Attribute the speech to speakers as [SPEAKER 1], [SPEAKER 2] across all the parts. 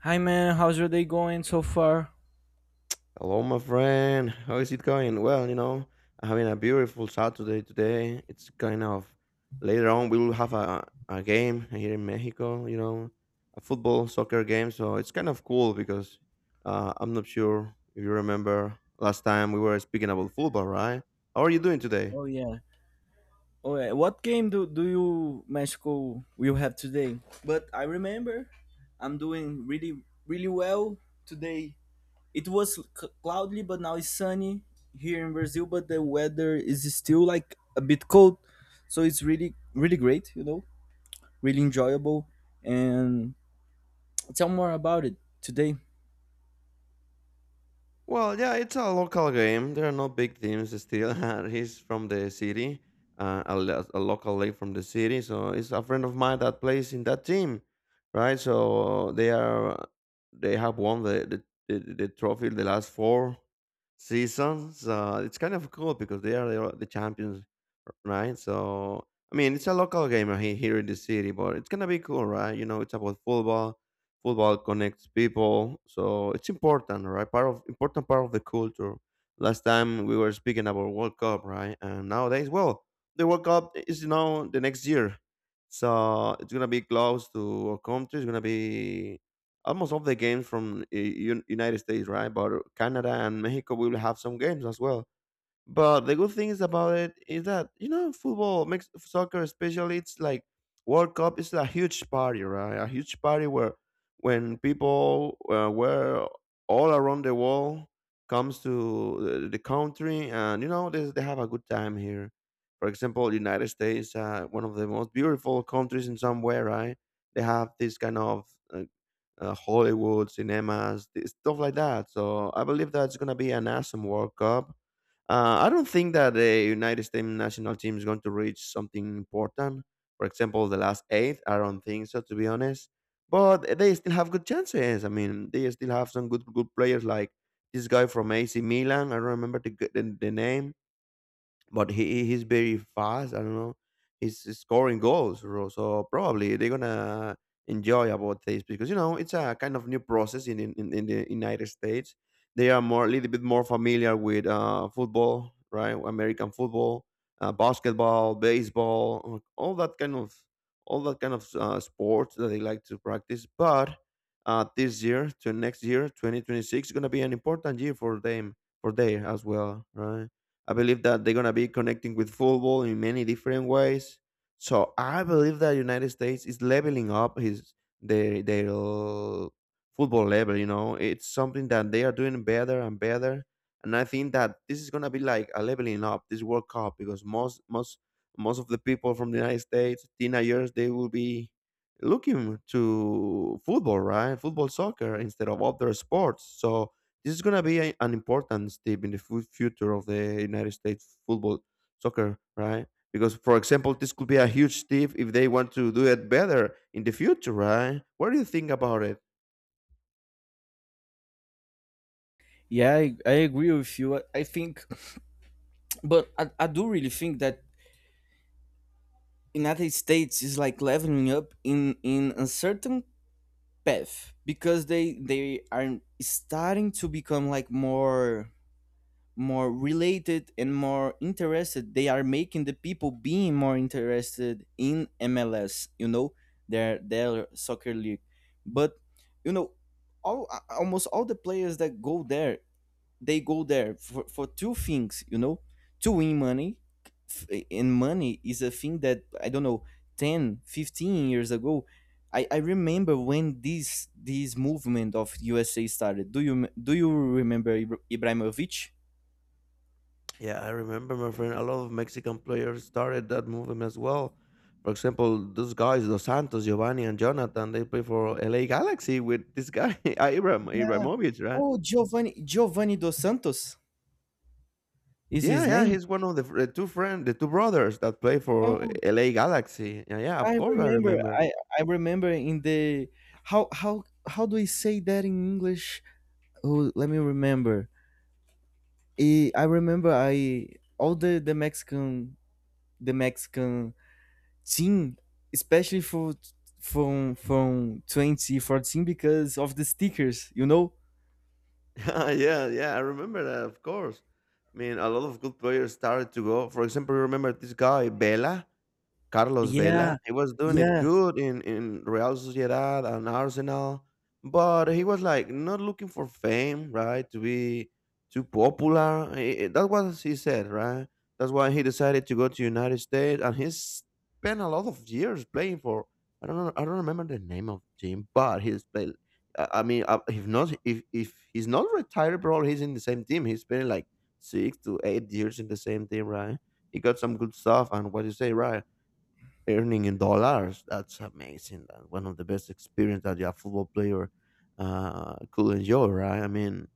[SPEAKER 1] Hi man, how's your day going so far?
[SPEAKER 2] Hello, my friend. How is it going? Well, you know, I'm having a beautiful Saturday today. It's kind of later on we will have a game here in Mexico, you know, a football soccer game. So it's kind of cool because I'm not sure if you remember last time we were speaking about football, right? How are you doing today?
[SPEAKER 1] Oh yeah. Oh yeah. What game do, do you Mexico will have today? But I remember. I'm doing really really well today. It was cloudy but now it's sunny here in Brazil, but the weather is still like a bit cold. So it's really really great, you know. Really enjoyable and tell more about it today.
[SPEAKER 2] Well, yeah, it's a local game. There are no big teams still. He's from the city, a local league from the city. So it's a friend of mine that plays in that team, right? So they have won the trophy the last four seasons. It's kind of cool because they are the champions, right? So I mean, it's a local game here in the city, but it's gonna be cool, right? You know, it's about football connects people, so it's important, right? part of Important part of the culture. Last time we were speaking about World Cup, right? And nowadays, well, the World Cup is, you know, the next year, so it's gonna be close to our country. It's gonna be almost all the games from United States, right? But Canada and Mexico will have some games as well. But the good things about it is that, you know, football makes soccer especially it's like World Cup is a huge party, right? A huge party where when people were all around the world comes to the country and, you know, they have a good time here. For example, United States, one of the most beautiful countries in some way, right? They have this kind of uh, Hollywood cinemas, stuff like that. So I believe that's gonna be an awesome World Cup. I don't think that the United States national team is going to reach something important. For example, the last eight, I don't think so, to be honest. But they still have good chances. I mean, they still have some good players like this guy from AC Milan. I don't remember the name, but he's very fast. I don't know. He's scoring goals, bro. So probably they're gonna enjoy about this because, you know, it's a kind of new process in the United States. They are more a little bit more familiar with football, right? American football, basketball, baseball, all that kind of sports that they like to practice. But this year to next year, 2026 is gonna be an important year for them, for there as well, right? I believe that they're gonna be connecting with football in many different ways. So I believe that United States is leveling up his their their l- football level. You know, it's something that they are doing better and better. And I think that this is gonna be like a leveling up this World Cup, because most of the people from the United States, teenagers, they will be looking to football, right? Football, soccer instead of other sports. So this is going to be an important step in the future of the United States football soccer, right? Because, for example, this could be a huge step if they want to do it better in the future, right? What do you think about it?
[SPEAKER 1] Yeah, I agree with you. I think but I do really think that United States is like leveling up in a certain path because they are starting to become like more more related and more interested. They are making the people being more interested in MLS, you know, their soccer league. But you know, all almost all the players that go there they go there for two things you know to win money and money is a thing that I don't know. 10, 15 years ago I remember when this movement of USA started. Do you do you remember Ibrahimovic?
[SPEAKER 2] Yeah, I remember, my friend, a lot of Mexican players started that movement as well. For example, those guys, Dos Santos, Giovanni, and Jonathan, they play for LA Galaxy with this guy, Ibramovic, right?
[SPEAKER 1] Oh, Giovanni, Giovanni Dos Santos is
[SPEAKER 2] Yeah,
[SPEAKER 1] his
[SPEAKER 2] yeah,
[SPEAKER 1] name.
[SPEAKER 2] he's one of the, the two brothers that play for
[SPEAKER 1] Oh,
[SPEAKER 2] LA Galaxy. Yeah, yeah, of
[SPEAKER 1] i
[SPEAKER 2] course I
[SPEAKER 1] remember
[SPEAKER 2] remember.
[SPEAKER 1] i I remember in the. How how do we say that in English? Oh, let me remember. I remember I all the Mexican team, especially for from 2014 because of the stickers, you know?
[SPEAKER 2] Yeah, yeah, I remember that, of course. I mean, a lot of good players started to go. For example, you remember this guy, Vela? Carlos Vela,
[SPEAKER 1] Yeah,
[SPEAKER 2] he was doing it
[SPEAKER 1] yeah.
[SPEAKER 2] good in Real Sociedad and Arsenal, but he was like not looking for fame, right? To be too popular. That was he said, right? That's why he decided to go to United States, and he's spent a lot of years playing for. I don't know. I don't remember the name of the team, but he's played. If he's not retired, bro, he's in the same team. He's been like 6 to 8 years in the same team, right? He got some good stuff, and what you say, right? Earning in dollars. That's amazing. That's one of the best experience that a football player could enjoy, right? I mean,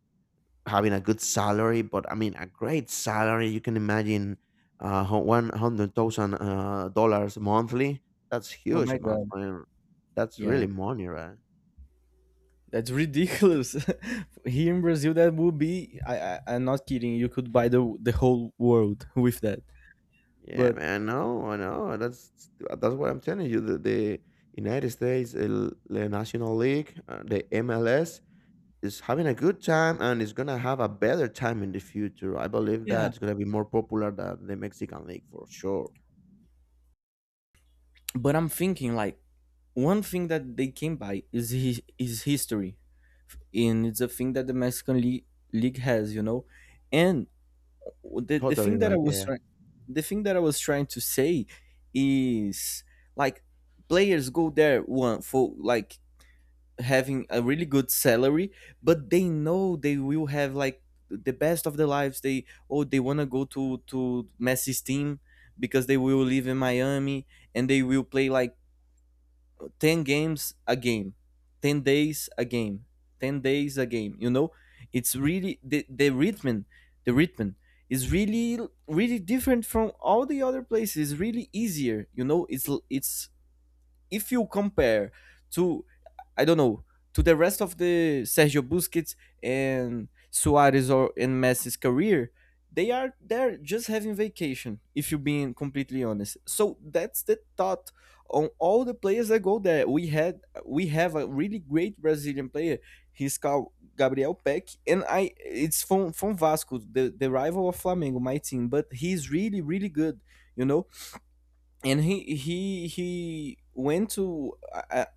[SPEAKER 2] having a good salary, but I mean, a great salary. You can imagine 100,000 dollars monthly. That's
[SPEAKER 1] Oh
[SPEAKER 2] huge,
[SPEAKER 1] my
[SPEAKER 2] my
[SPEAKER 1] god.
[SPEAKER 2] friend. That's
[SPEAKER 1] Yeah.
[SPEAKER 2] really money, right?
[SPEAKER 1] That's ridiculous. Here in Brazil that would be I, I'm not kidding, you could buy the whole world with that.
[SPEAKER 2] Yeah,
[SPEAKER 1] But
[SPEAKER 2] man. No, I know. I know. That's what I'm telling you. The United States, the National League, the MLS, is having a good time and is gonna have a better time in the future. I believe
[SPEAKER 1] yeah,
[SPEAKER 2] that it's gonna be more popular than the Mexican League for sure.
[SPEAKER 1] but I'm thinking like one thing that they can buy is his, is history. And it's a thing that the Mexican league, league has, you know. And the, the
[SPEAKER 2] Totally
[SPEAKER 1] thing that I
[SPEAKER 2] right
[SPEAKER 1] was
[SPEAKER 2] there.
[SPEAKER 1] trying, the thing that I was trying to say is like, players go there one for like having a really good salary, but they know they will have like the best of their lives. They they wanna go to Messi's team because they will live in Miami and they will play like 10 games a game, 10 days a game, 10 days a game, you know. It's really the rhythm the rhythm is really really different from all the other places. It's really easier, you know. It's if you compare to, I don't know, to the rest of the Sergio Busquets and Suarez, or and Messi's career, they are there just having vacation. If you're being completely honest, so that's the thought on all the players that go there. We have a really great Brazilian player. He's called Gabriel Peck, and I it's from Vasco, the rival of Flamengo, my team. But he's really really good. You know, and he went to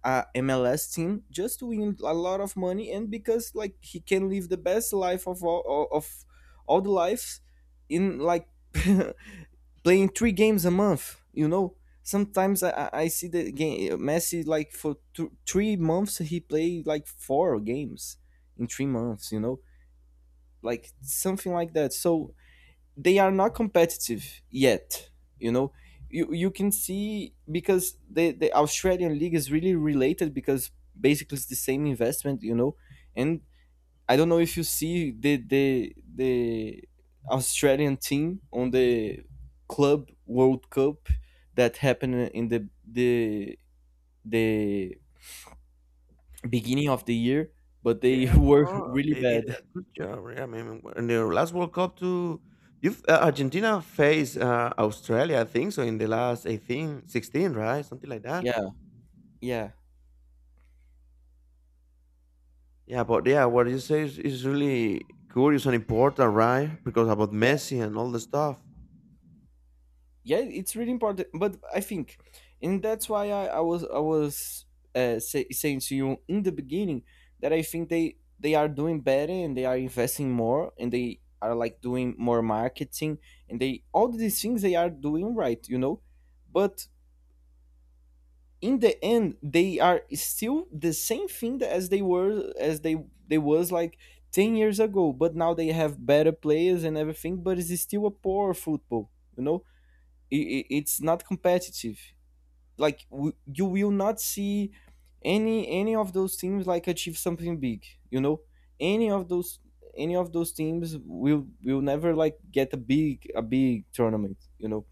[SPEAKER 1] a MLS team just to win a lot of money, and because like he can live the best life of of all the lives in like playing three games a month. You know, sometimes I, I see the game Messi like for 3 months he played like four games in 3 months, you know, like something like that. So they are not competitive yet. You know, you can see because the Australian league is really related because basically it's the same investment. You know, and I don't know if you see the Australian team on the Club World Cup that happened in the beginning of the year, but they
[SPEAKER 2] Yeah,
[SPEAKER 1] were
[SPEAKER 2] bro,
[SPEAKER 1] really
[SPEAKER 2] they did
[SPEAKER 1] bad.
[SPEAKER 2] a good job. Yeah, I mean, in their last World Cup too. Argentina faced Australia, I think, so in the last 18, 16, right? Something like that.
[SPEAKER 1] Yeah, yeah.
[SPEAKER 2] Yeah, but yeah, what you say is really curious and important, right? Because about
[SPEAKER 1] Yeah.
[SPEAKER 2] Messi and all the stuff.
[SPEAKER 1] Yeah, it's really important but I think and that's why I was saying to you in the beginning that I think they are doing better and they are investing more and they are like doing more marketing and they all these things they are doing right, you know, but in the end they are still the same thing as they were as they was like 10 years ago, but now they have better players and everything, but it's still a poor football, you know. It it's not competitive. Like you will not see any of those teams like achieve something big. You know, any of those any of those teams will never like get a big tournament. You know,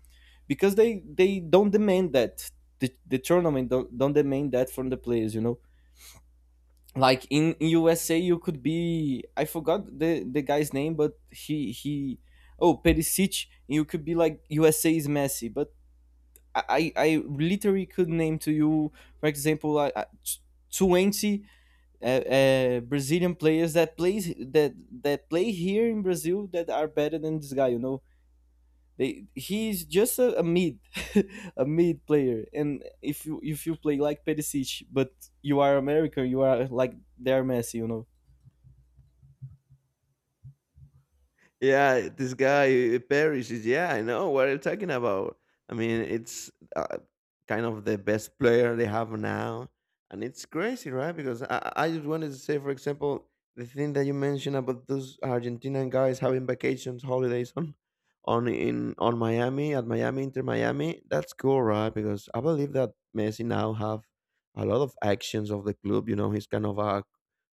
[SPEAKER 1] because they don't demand that, the tournament don't demand that from the players. You know, like in USA you could be, I forgot the guy's name, but he oh Perisic. You could be like USA is Messi, but I literally could name to you, for example, 20 Brazilian players that plays that that play here in Brazil that are better than this guy. You know, they he's just a, a mid player. And if you play like Perisic, but you are American, you are like their Messi. You know.
[SPEAKER 2] Yeah, this guy Paris is, yeah, I know what you're talking about. I mean, it's kind of the best player they have now, and it's crazy, right? Because I just wanted to say, for example, the thing that you mentioned about those Argentinian guys having vacations, holidays on Miami at Miami Inter Miami. That's cool, right? Because I believe that Messi now have a lot of actions of the club. You know, he's kind of a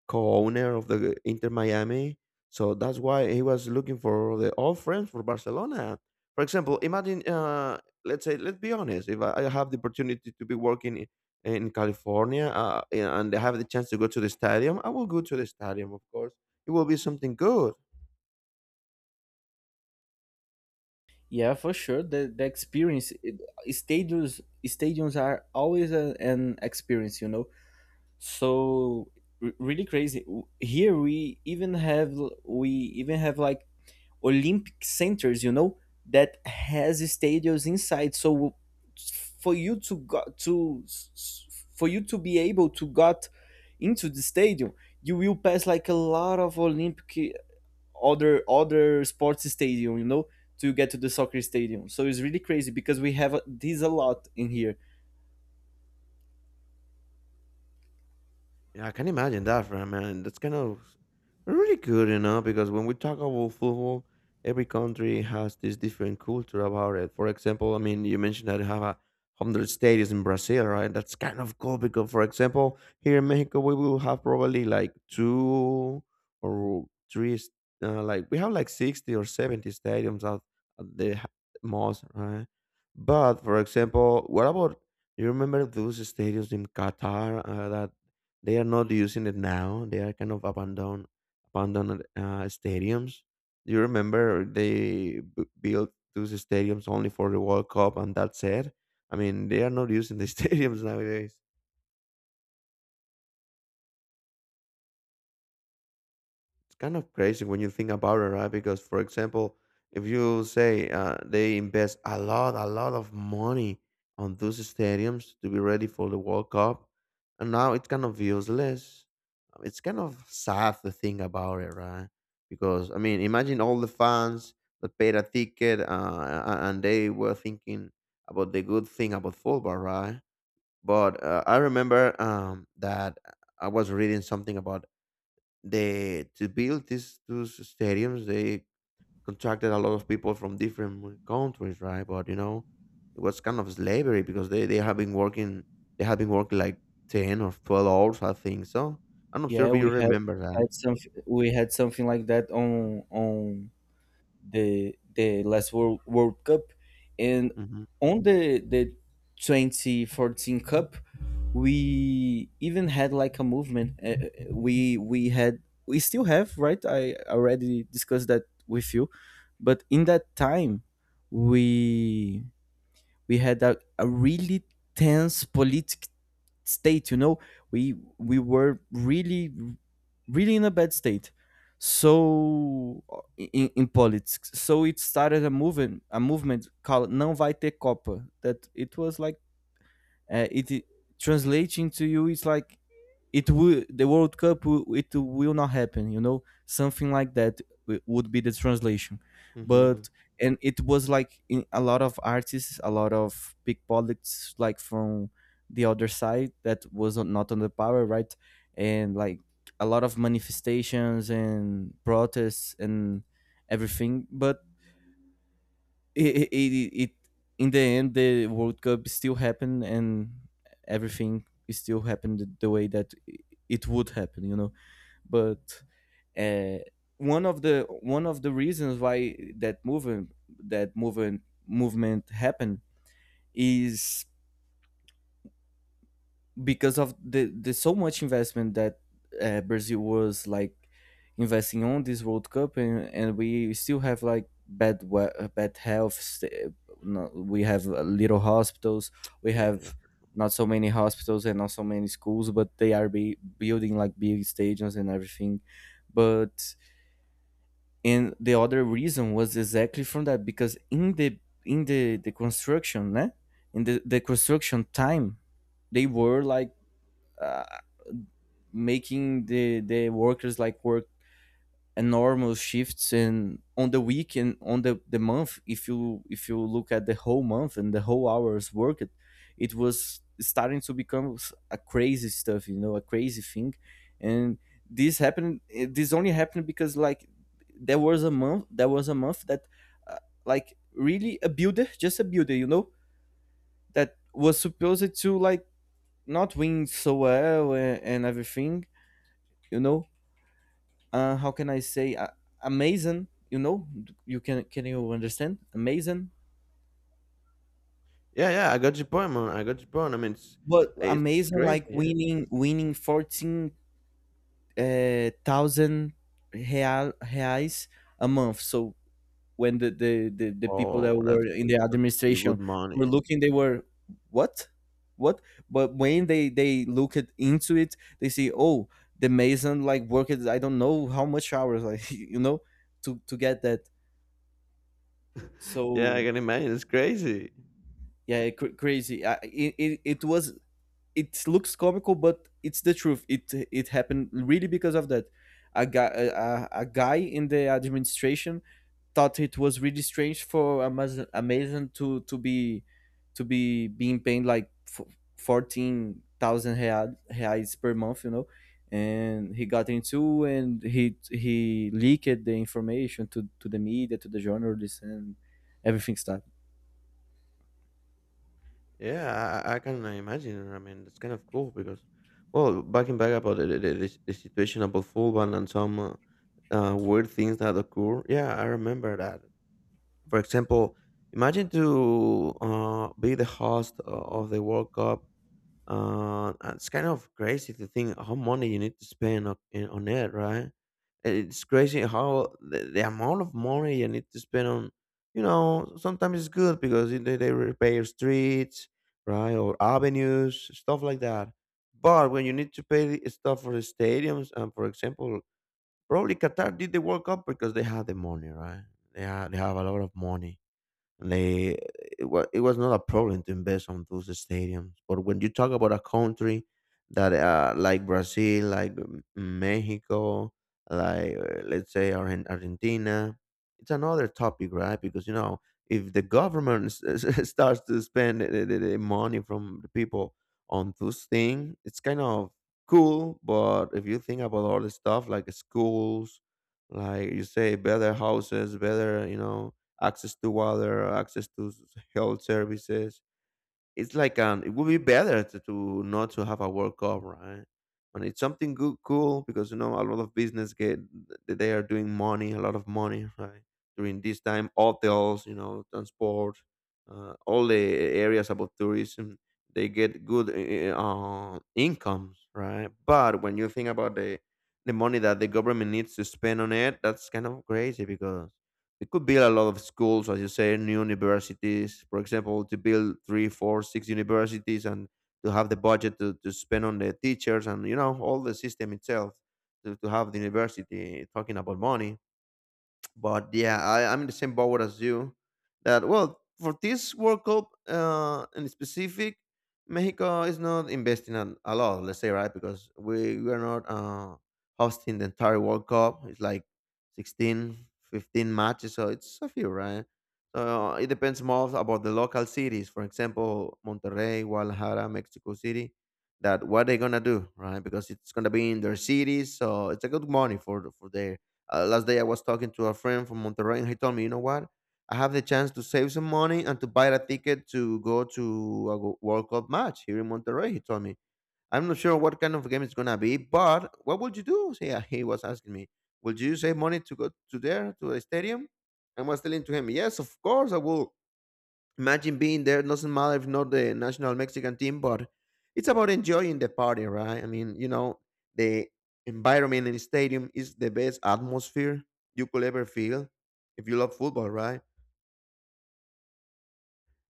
[SPEAKER 2] co-owner of the Inter Miami, so that's why he was looking for the old friends for Barcelona. For example, imagine, let's say, let's be honest, if I have the opportunity to be working in California, and I have the chance to go to the stadium, I will go to the stadium, of course. It will be something good.
[SPEAKER 1] Yeah, for sure. The experience, it, stadiums are always a, an experience. You know, so really crazy. Here we even have we even have like olympic centers, you know, that has stadiums inside. So for you to got for you to be able to got into the stadium you will pass like a lot of olympic other sports stadium, you know, to get to the soccer stadium. So it's really crazy because we have this a lot in here.
[SPEAKER 2] Yeah, I can imagine that for a man. That's kind of really good, you know, because when we talk about football, every country has this different culture about it. For example, I mean, you mentioned that you have a hundred stadiums in Brazil, right? That's kind of cool because, for example, here in Mexico, we will have probably like two or three, like we have like 60 or 70 stadiums at at the h- most, right? But for example, what about you remember those stadiums in Qatar that they are not using it now. They are kind of abandoned, stadiums. Do you remember they built those stadiums only for the World Cup, and that's it? I mean, they are not using the stadiums nowadays. It's kind of crazy when you think about it, right? Because, for example, if you say they invest a lot of money on those stadiums to be ready for the World Cup, and now it's kind of useless. It's kind of sad to think about it, right? Because I mean, imagine all the fans that paid a ticket, and they were thinking about the good thing about football, right? But I remember that I was reading something about the to build these two stadiums, they contracted a lot of people from different countries, right? But, you know, it was kind of slavery because they have been working, like 10 or 12 hours, I think so. I'm not sure
[SPEAKER 1] Yeah,
[SPEAKER 2] if you remember
[SPEAKER 1] we
[SPEAKER 2] that.
[SPEAKER 1] had some we had something like that on the last World Cup, and
[SPEAKER 2] hmm
[SPEAKER 1] on the 2014 Cup, we even had like a movement. We had we still have, right. I already discussed that with you, but in that time, we we had a really tense politic state, you know, we were really really in a bad state. So in politics. So it started a movement, a movement called não vai ter copa, that it was like it, it translating to you it's like it will the World Cup it will not happen. You know, something like that would be the translation.
[SPEAKER 2] hmm
[SPEAKER 1] But and it was like in a lot of artists, a lot of pickpockets, like from the other side that was not on the power, right? And like a lot of manifestations and protests and everything. But it in the end the World Cup still happened and everything still happened the way that it would happen, you know. But uh, one of the reasons why that movement that movement happened is because of the so much investment that Brazil was like investing on this World Cup, and we still have like bad bad health. Sta- no, We have little hospitals. We
[SPEAKER 2] yeah,
[SPEAKER 1] have not so many hospitals and not so many schools, but they are building like big stadiums and everything. But and the other reason was exactly from that because in the construction, né? In the construction time, they were like uh, making the workers like work enormous shifts and on the week and on the month. If you if you look at the whole month and the whole hours worked, it was starting to become a crazy stuff, you know, a crazy thing. And this happened this only happened because like there was a month that uh, like really a builder, just a builder, you know, that was supposed to like not win so well and everything, you know. How can I say, amazing? You know, you can you understand amazing?
[SPEAKER 2] yeah, yeah, I got your point, man, I got your point. I mean,
[SPEAKER 1] But
[SPEAKER 2] it's
[SPEAKER 1] amazing
[SPEAKER 2] crazy,
[SPEAKER 1] like
[SPEAKER 2] yeah.
[SPEAKER 1] winning 14 thousand real reais a month. So when the, the people that
[SPEAKER 2] Oh,
[SPEAKER 1] were in the
[SPEAKER 2] that's pretty
[SPEAKER 1] administration
[SPEAKER 2] good
[SPEAKER 1] were
[SPEAKER 2] money.
[SPEAKER 1] looking, they were what what? But when they look at, into it, they see oh the mason like worked I don't know how much hours like you know to get that.
[SPEAKER 2] Yeah, I
[SPEAKER 1] So
[SPEAKER 2] can imagine, it's crazy.
[SPEAKER 1] yeah, crazy. It was it looks comical but it's the truth. It happened really because of that. A guy, a guy in the administration thought it was really strange for amazon to to be being paid like 14,000 reais per month, you know. And he got into and he leaked the information to the media, to the journalists, and everything started.
[SPEAKER 2] Yeah, I can imagine. I mean, that's kind of cool because, well, backing back about the situation about Fulban and some weird things that occur. Yeah, I remember that. For example, imagine to be the host of the World Cup, it's kind of crazy to think how money you need to spend on it, right? It's crazy how the amount of money you need to spend on, you know, sometimes it's good because they repair streets, right, or avenues, stuff like that. But when you need to pay the stuff for the stadiums, and for example, probably Qatar did the World Cup because they had the money, right? They, they have a lot of money, they it was not a problem to invest on those stadiums. But when you talk about a country that like Brazil, like Mexico, like let's say Argentina, it's another topic, right? Because you know if the government starts to spend the money from the people on those things, it's kind of cool. But if you think about all the stuff like schools, like you say, better houses, better, you know, access to water, access to health services. It's like it would be better to, not to have a World Cup, right? And it's something good, cool, because you know a lot of business get, they are doing money, a lot of money, right? During this time, hotels, you know, transport, all the areas about tourism, they get good incomes, right? But when you think about the money that the government needs to spend on it, that's kind of crazy because they could build a lot of schools, as you say, new universities, for example, to build three, four, six universities and to have the budget to spend on the teachers and, you know, all the system itself to have the university, eh, talking about money. But yeah, I'm in the same boat as you. That, well, for this World Cup, in specific, Mexico is not investing a lot. Let's say, right, because we are not, hosting the entire World Cup. It's like 16, 15 matches, so it's a few, right? So it depends more about the local cities. For example, Monterrey, Guadalajara, Mexico City. That what they are gonna do, right? Because it's gonna be in their cities, so it's a good money for for their, last day I was talking to a friend from Monterrey, and he told me, you know what? I have the chance to save some money and to buy a ticket to go to a World Cup match here in Monterrey. He told me, I'm not sure what kind of game it's gonna be, but what would you do? So, yeah, he was asking me, would you save money to go to there to the stadium? I was telling to him, yes, of course I will. Imagine being there. Doesn't matter if not the national Mexican team, but it's about enjoying the party, right? I mean, you know, the environment in the stadium is the best atmosphere you could ever feel if you love football, right?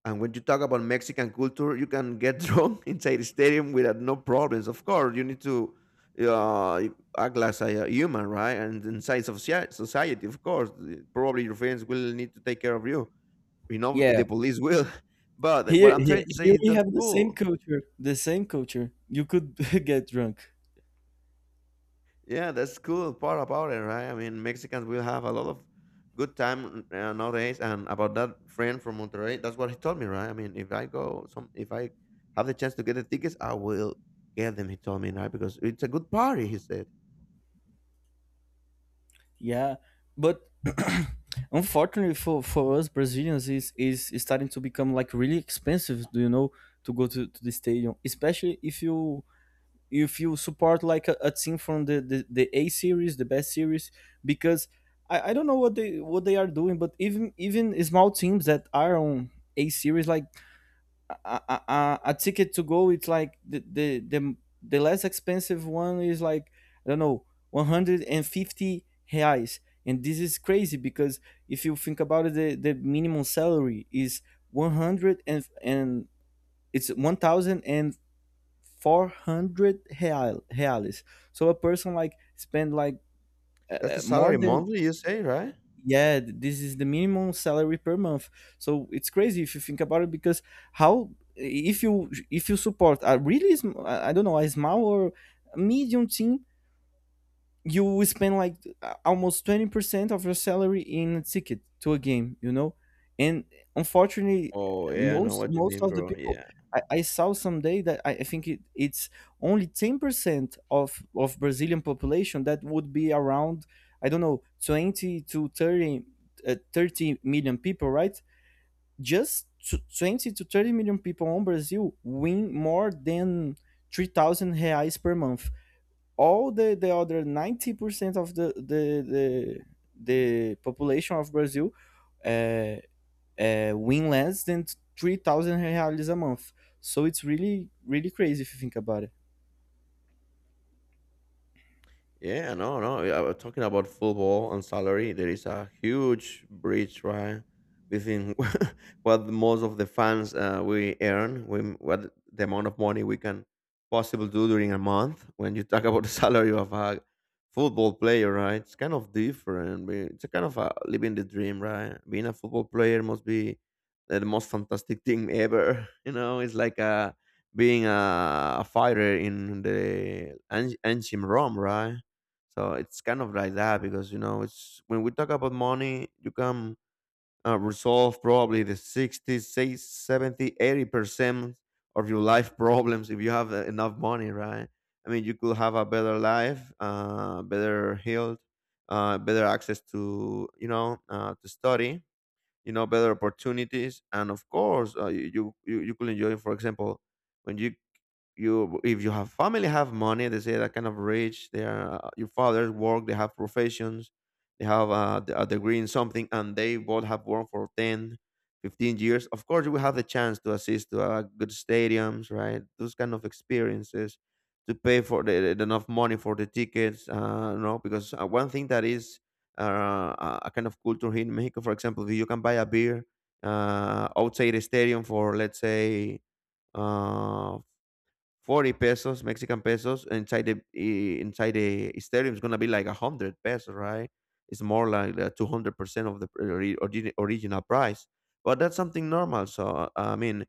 [SPEAKER 2] And when you talk about Mexican culture, you can get drunk inside the stadium without no problems. Of course, you need to uh, act like a human, right? And inside of society, of course, probably your friends will need to take care of you. You know,
[SPEAKER 1] Yeah,
[SPEAKER 2] the police will. But what
[SPEAKER 1] Here,
[SPEAKER 2] I'm trying to say
[SPEAKER 1] here
[SPEAKER 2] is
[SPEAKER 1] we
[SPEAKER 2] that's
[SPEAKER 1] have the same
[SPEAKER 2] cool.
[SPEAKER 1] culture. The same culture. You could get drunk.
[SPEAKER 2] Yeah, that's cool part about it, right? I mean, Mexicans will have a lot of good time, nowadays. And about that friend from Monterrey, that's what he told me, right? I mean, if I go, some if I have the chance to get the tickets, I will get them. He told me, right? Because it's a good party. He said
[SPEAKER 1] Yeah, but unfortunately for us Brazilians, is starting to become like really expensive. Do you know to go to the stadium, especially if you support like a team from the A series, the best series, because I don't know what they are doing, but even small teams that are on A series like a, a ticket to go it's like the less expensive one is like I don't know 150 reais. And this is crazy because if you think about it, the minimum salary is 100 and it's 1400 reais, so a person like spend like
[SPEAKER 2] that's the
[SPEAKER 1] more
[SPEAKER 2] salary
[SPEAKER 1] than,
[SPEAKER 2] monthly. You say, right?
[SPEAKER 1] yeah, this is the minimum salary per month. So it's crazy if you think about it because how, if you support a really I don't know, a small or medium team, you will spend like almost 20% of your salary in a ticket to a game. And unfortunately,
[SPEAKER 2] Oh yeah, I know
[SPEAKER 1] most
[SPEAKER 2] what you
[SPEAKER 1] most
[SPEAKER 2] mean,
[SPEAKER 1] of the
[SPEAKER 2] bro.
[SPEAKER 1] people,
[SPEAKER 2] Yeah.
[SPEAKER 1] I saw someday that, I think it's only 10% of brazilian population, that would be around, I don't know, 20 to 30, 30 million people, right? Just 20 to 30 million people on brazil win more than 3,000 reais per month. All the other 90% of the, the population of Brazil uh, win less than 3,000 reais a month. So it's really, really crazy if you think about it.
[SPEAKER 2] Yeah, no, no, yeah, talking about football and salary, there is a huge bridge, right, between what most of the fans, we earn, we, what the amount of money we can possibly do during a month. When you talk about the salary of a football player, right, it's kind of different. It's a kind of a living the dream, right? Being a football player must be the most fantastic thing ever. You know, it's like a being a fighter in the ancient Rome, right? So it's kind of like that because you know it's when we talk about money, you can, resolve probably the 60, say 70, 80% of your life problems if you have, enough money, right? I mean, you could have a better life, better health, better access to, you know, to study, you know, better opportunities, and of course, you could enjoy, for example, when you if you have family have money, they say that kind of rich they are, your fathers work, they have professions, they have a degree in something, and they both have worked for 10, 15 years. Of course, you will have the chance to assist to, good stadiums, right, those kind of experiences, to pay for enough money for the tickets, you know, because one thing that is, a kind of culture here in Mexico. For example, if you can buy a beer, outside the stadium for, let's say, uh, 40 pesos, Mexican pesos. Inside inside the stadium is gonna be like a hundred pesos, right? It's more like 200% of the original price. But that's something normal. So, I mean,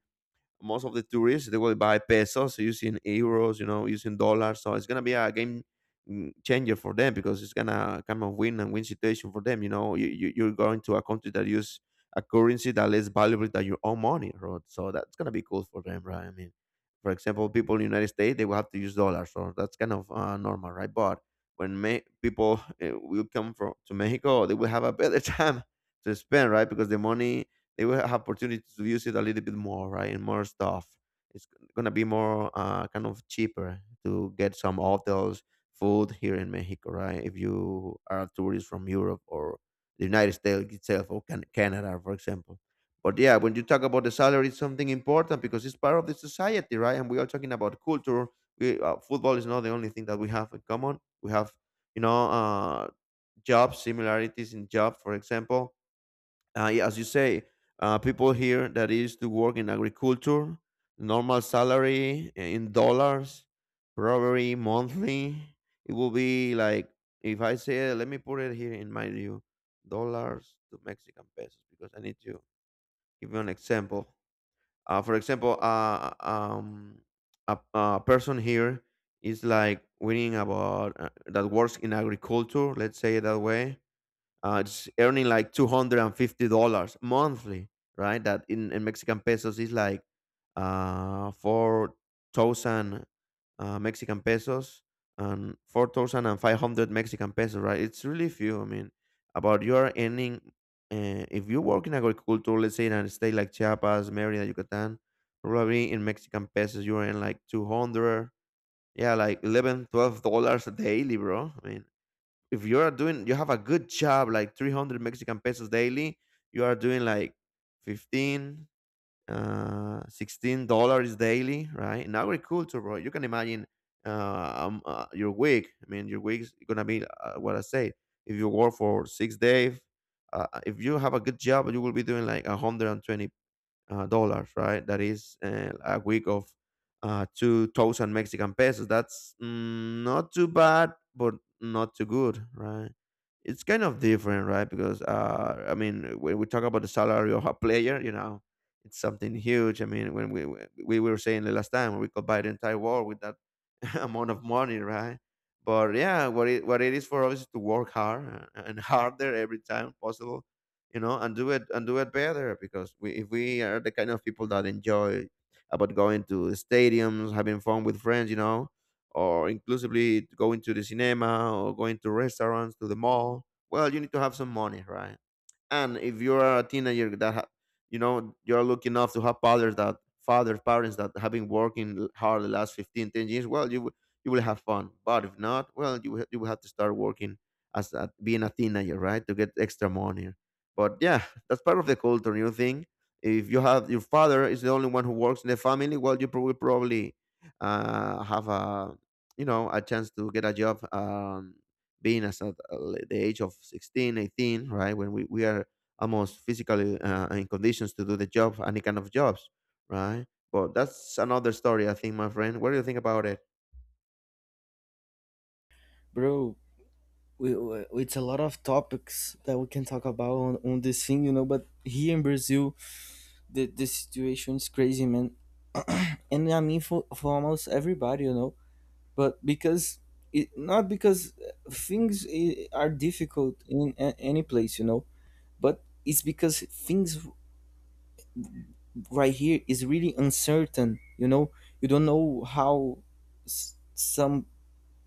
[SPEAKER 2] most of the tourists, they will buy pesos using euros, you know, using dollars, so it's gonna be a game, changer for them, because it's gonna come of win and win situation for them, you know. You're going to a country that use a currency that less valuable than your own money, right, so that's gonna be cool for them, right? I mean, for example, people in the United States, they will have to use dollars, so that's kind of, normal, right? But when people will come from to Mexico, they will have a better time to spend, right, because the money, they will have opportunity to use it a little bit more, right? And more stuff. It's gonna be more, kind of cheaper to get some hotels, food here in Mexico, right? If you are a tourist from Europe or the United States itself, or Canada, for example. But yeah, when you talk about the salary, it's something important because it's part of the society, right? And we are talking about culture. We, football is not the only thing that we have in common. We have, you know, job similarities in job, for example, yeah, as you say, people here that is to work in agriculture, normal salary in dollars, probably monthly, it will be like, if I say, let me put it here in my view, dollars to Mexican pesos because I need to give you an example. For example, a person here is like winning about, that works in agriculture. Let's say it that way, it's earning like $250 monthly, right? That in Mexican pesos is like, 4,000, Mexican pesos and 4,500 Mexican pesos, right? It's really few. I mean, about you are earning, if you work in agriculture, let's say in a state like Chiapas, Mérida, Yucatán, probably in Mexican pesos you earn like 200, yeah, like 11, $12 daily, bro. I mean, if you are doing you have a good job, like 300 Mexican pesos daily, you are doing like 15, $16 daily, right, in agriculture, bro. You can imagine, your week, I mean, your week's gonna be, what I say, if you work for 6 days, if you have a good job, you will be doing like 120, dollars, right? That is, a week of, 2,000 Mexican pesos. That's, not too bad, but not too good, right? It's kind of different, right? Because, I mean, when we talk about the salary of a player, you know, it's something huge. I mean, when we were saying, the last time we could buy the entire world with that amount of money, right? But yeah, what it is for us is to work hard, and harder every time possible, you know, and do it better, because we, if we are the kind of people that enjoy about going to stadiums, having fun with friends, you know, or inclusively going to the cinema or going to restaurants to the mall, well, you need to have some money, right? And if you are a teenager that you know, you're lucky enough to have fathers that fathers parents that have been working hard the last 15, 10 years, well, you will, you will have fun. But if not, well, you will have to start working as a, being a teenager, right, to get extra money. But yeah, that's part of the culture, you think. If you have your father is the only one who works in the family, well, you probably, have a, you know, a chance to get a job, being as at, the age of 16, 18, right, when we are almost physically, in conditions to do the job, any kind of jobs, right? But that's another story, I think, my friend. What do you think about it?
[SPEAKER 1] Bro, it's a lot of topics that we can talk about on this thing, you know, but here in Brazil, the situation is crazy, man. And I mean, for almost everybody, you know, but because it, not because things are difficult in any place, you know, but it's because things right here is really uncertain, you know. You don't know how some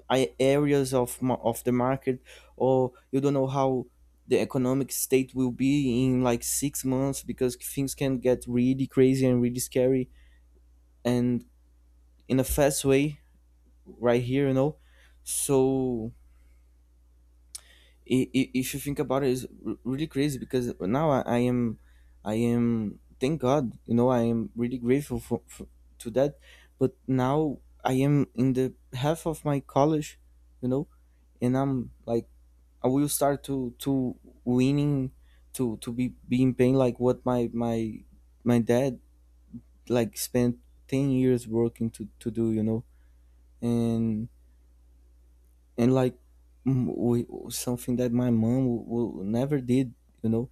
[SPEAKER 1] areas of of the market, or you don't know how the economic state will be in like 6 months, because things can get really crazy and really scary, and in a fast way right here, you know. So if you think about it, it's really crazy because now I am, thank God, you know, I am really grateful for to that. But now I am in the half of my college, you know, and I'm like, I will start to winning, to be being paying like what my dad like spent 10 years working to do, you know, and and like, we, something that my mom will never did, you know.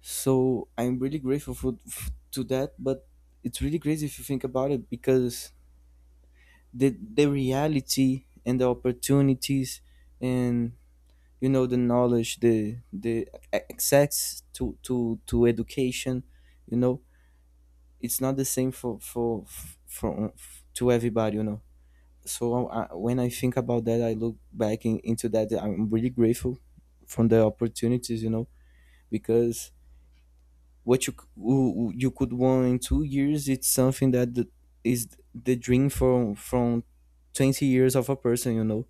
[SPEAKER 1] So I'm really grateful for to that, but it's really crazy if you think about it because the reality and the opportunities and, you know, the knowledge, the access to education, you know, it's not the same for f- from to everybody, you know. So I, when I think about that, I look back into that. I'm really grateful from the opportunities, you know, because what you you could want in 2 years, it's something that is the dream from 20 years of a person, you know.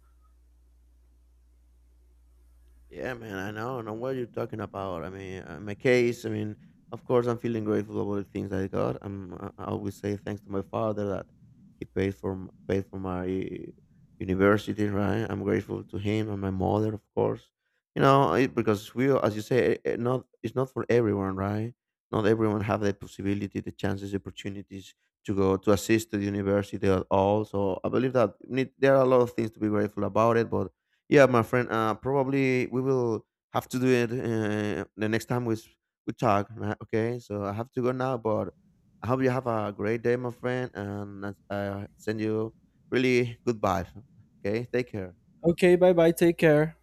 [SPEAKER 2] Yeah, man, I know. I know what you're talking about. I mean, my case, I mean, of course, I'm feeling grateful about the things I got. I'm, I always say thanks to my father that he paid for paid for my university, right? I'm grateful to him and my mother, of course. You know, it, because we, as you say, not, it's not for everyone, right? Not everyone have the possibility, the chances, the opportunities to go to assist to the university at all. So I believe that need, there are a lot of things to be grateful about it, but yeah, my friend. Probably we will have to do it, the next time we talk, right? Okay, so I have to go now, but I hope you have a great day, my friend, and I send you really good vibes. Okay, take care.
[SPEAKER 1] Okay, bye bye, take care.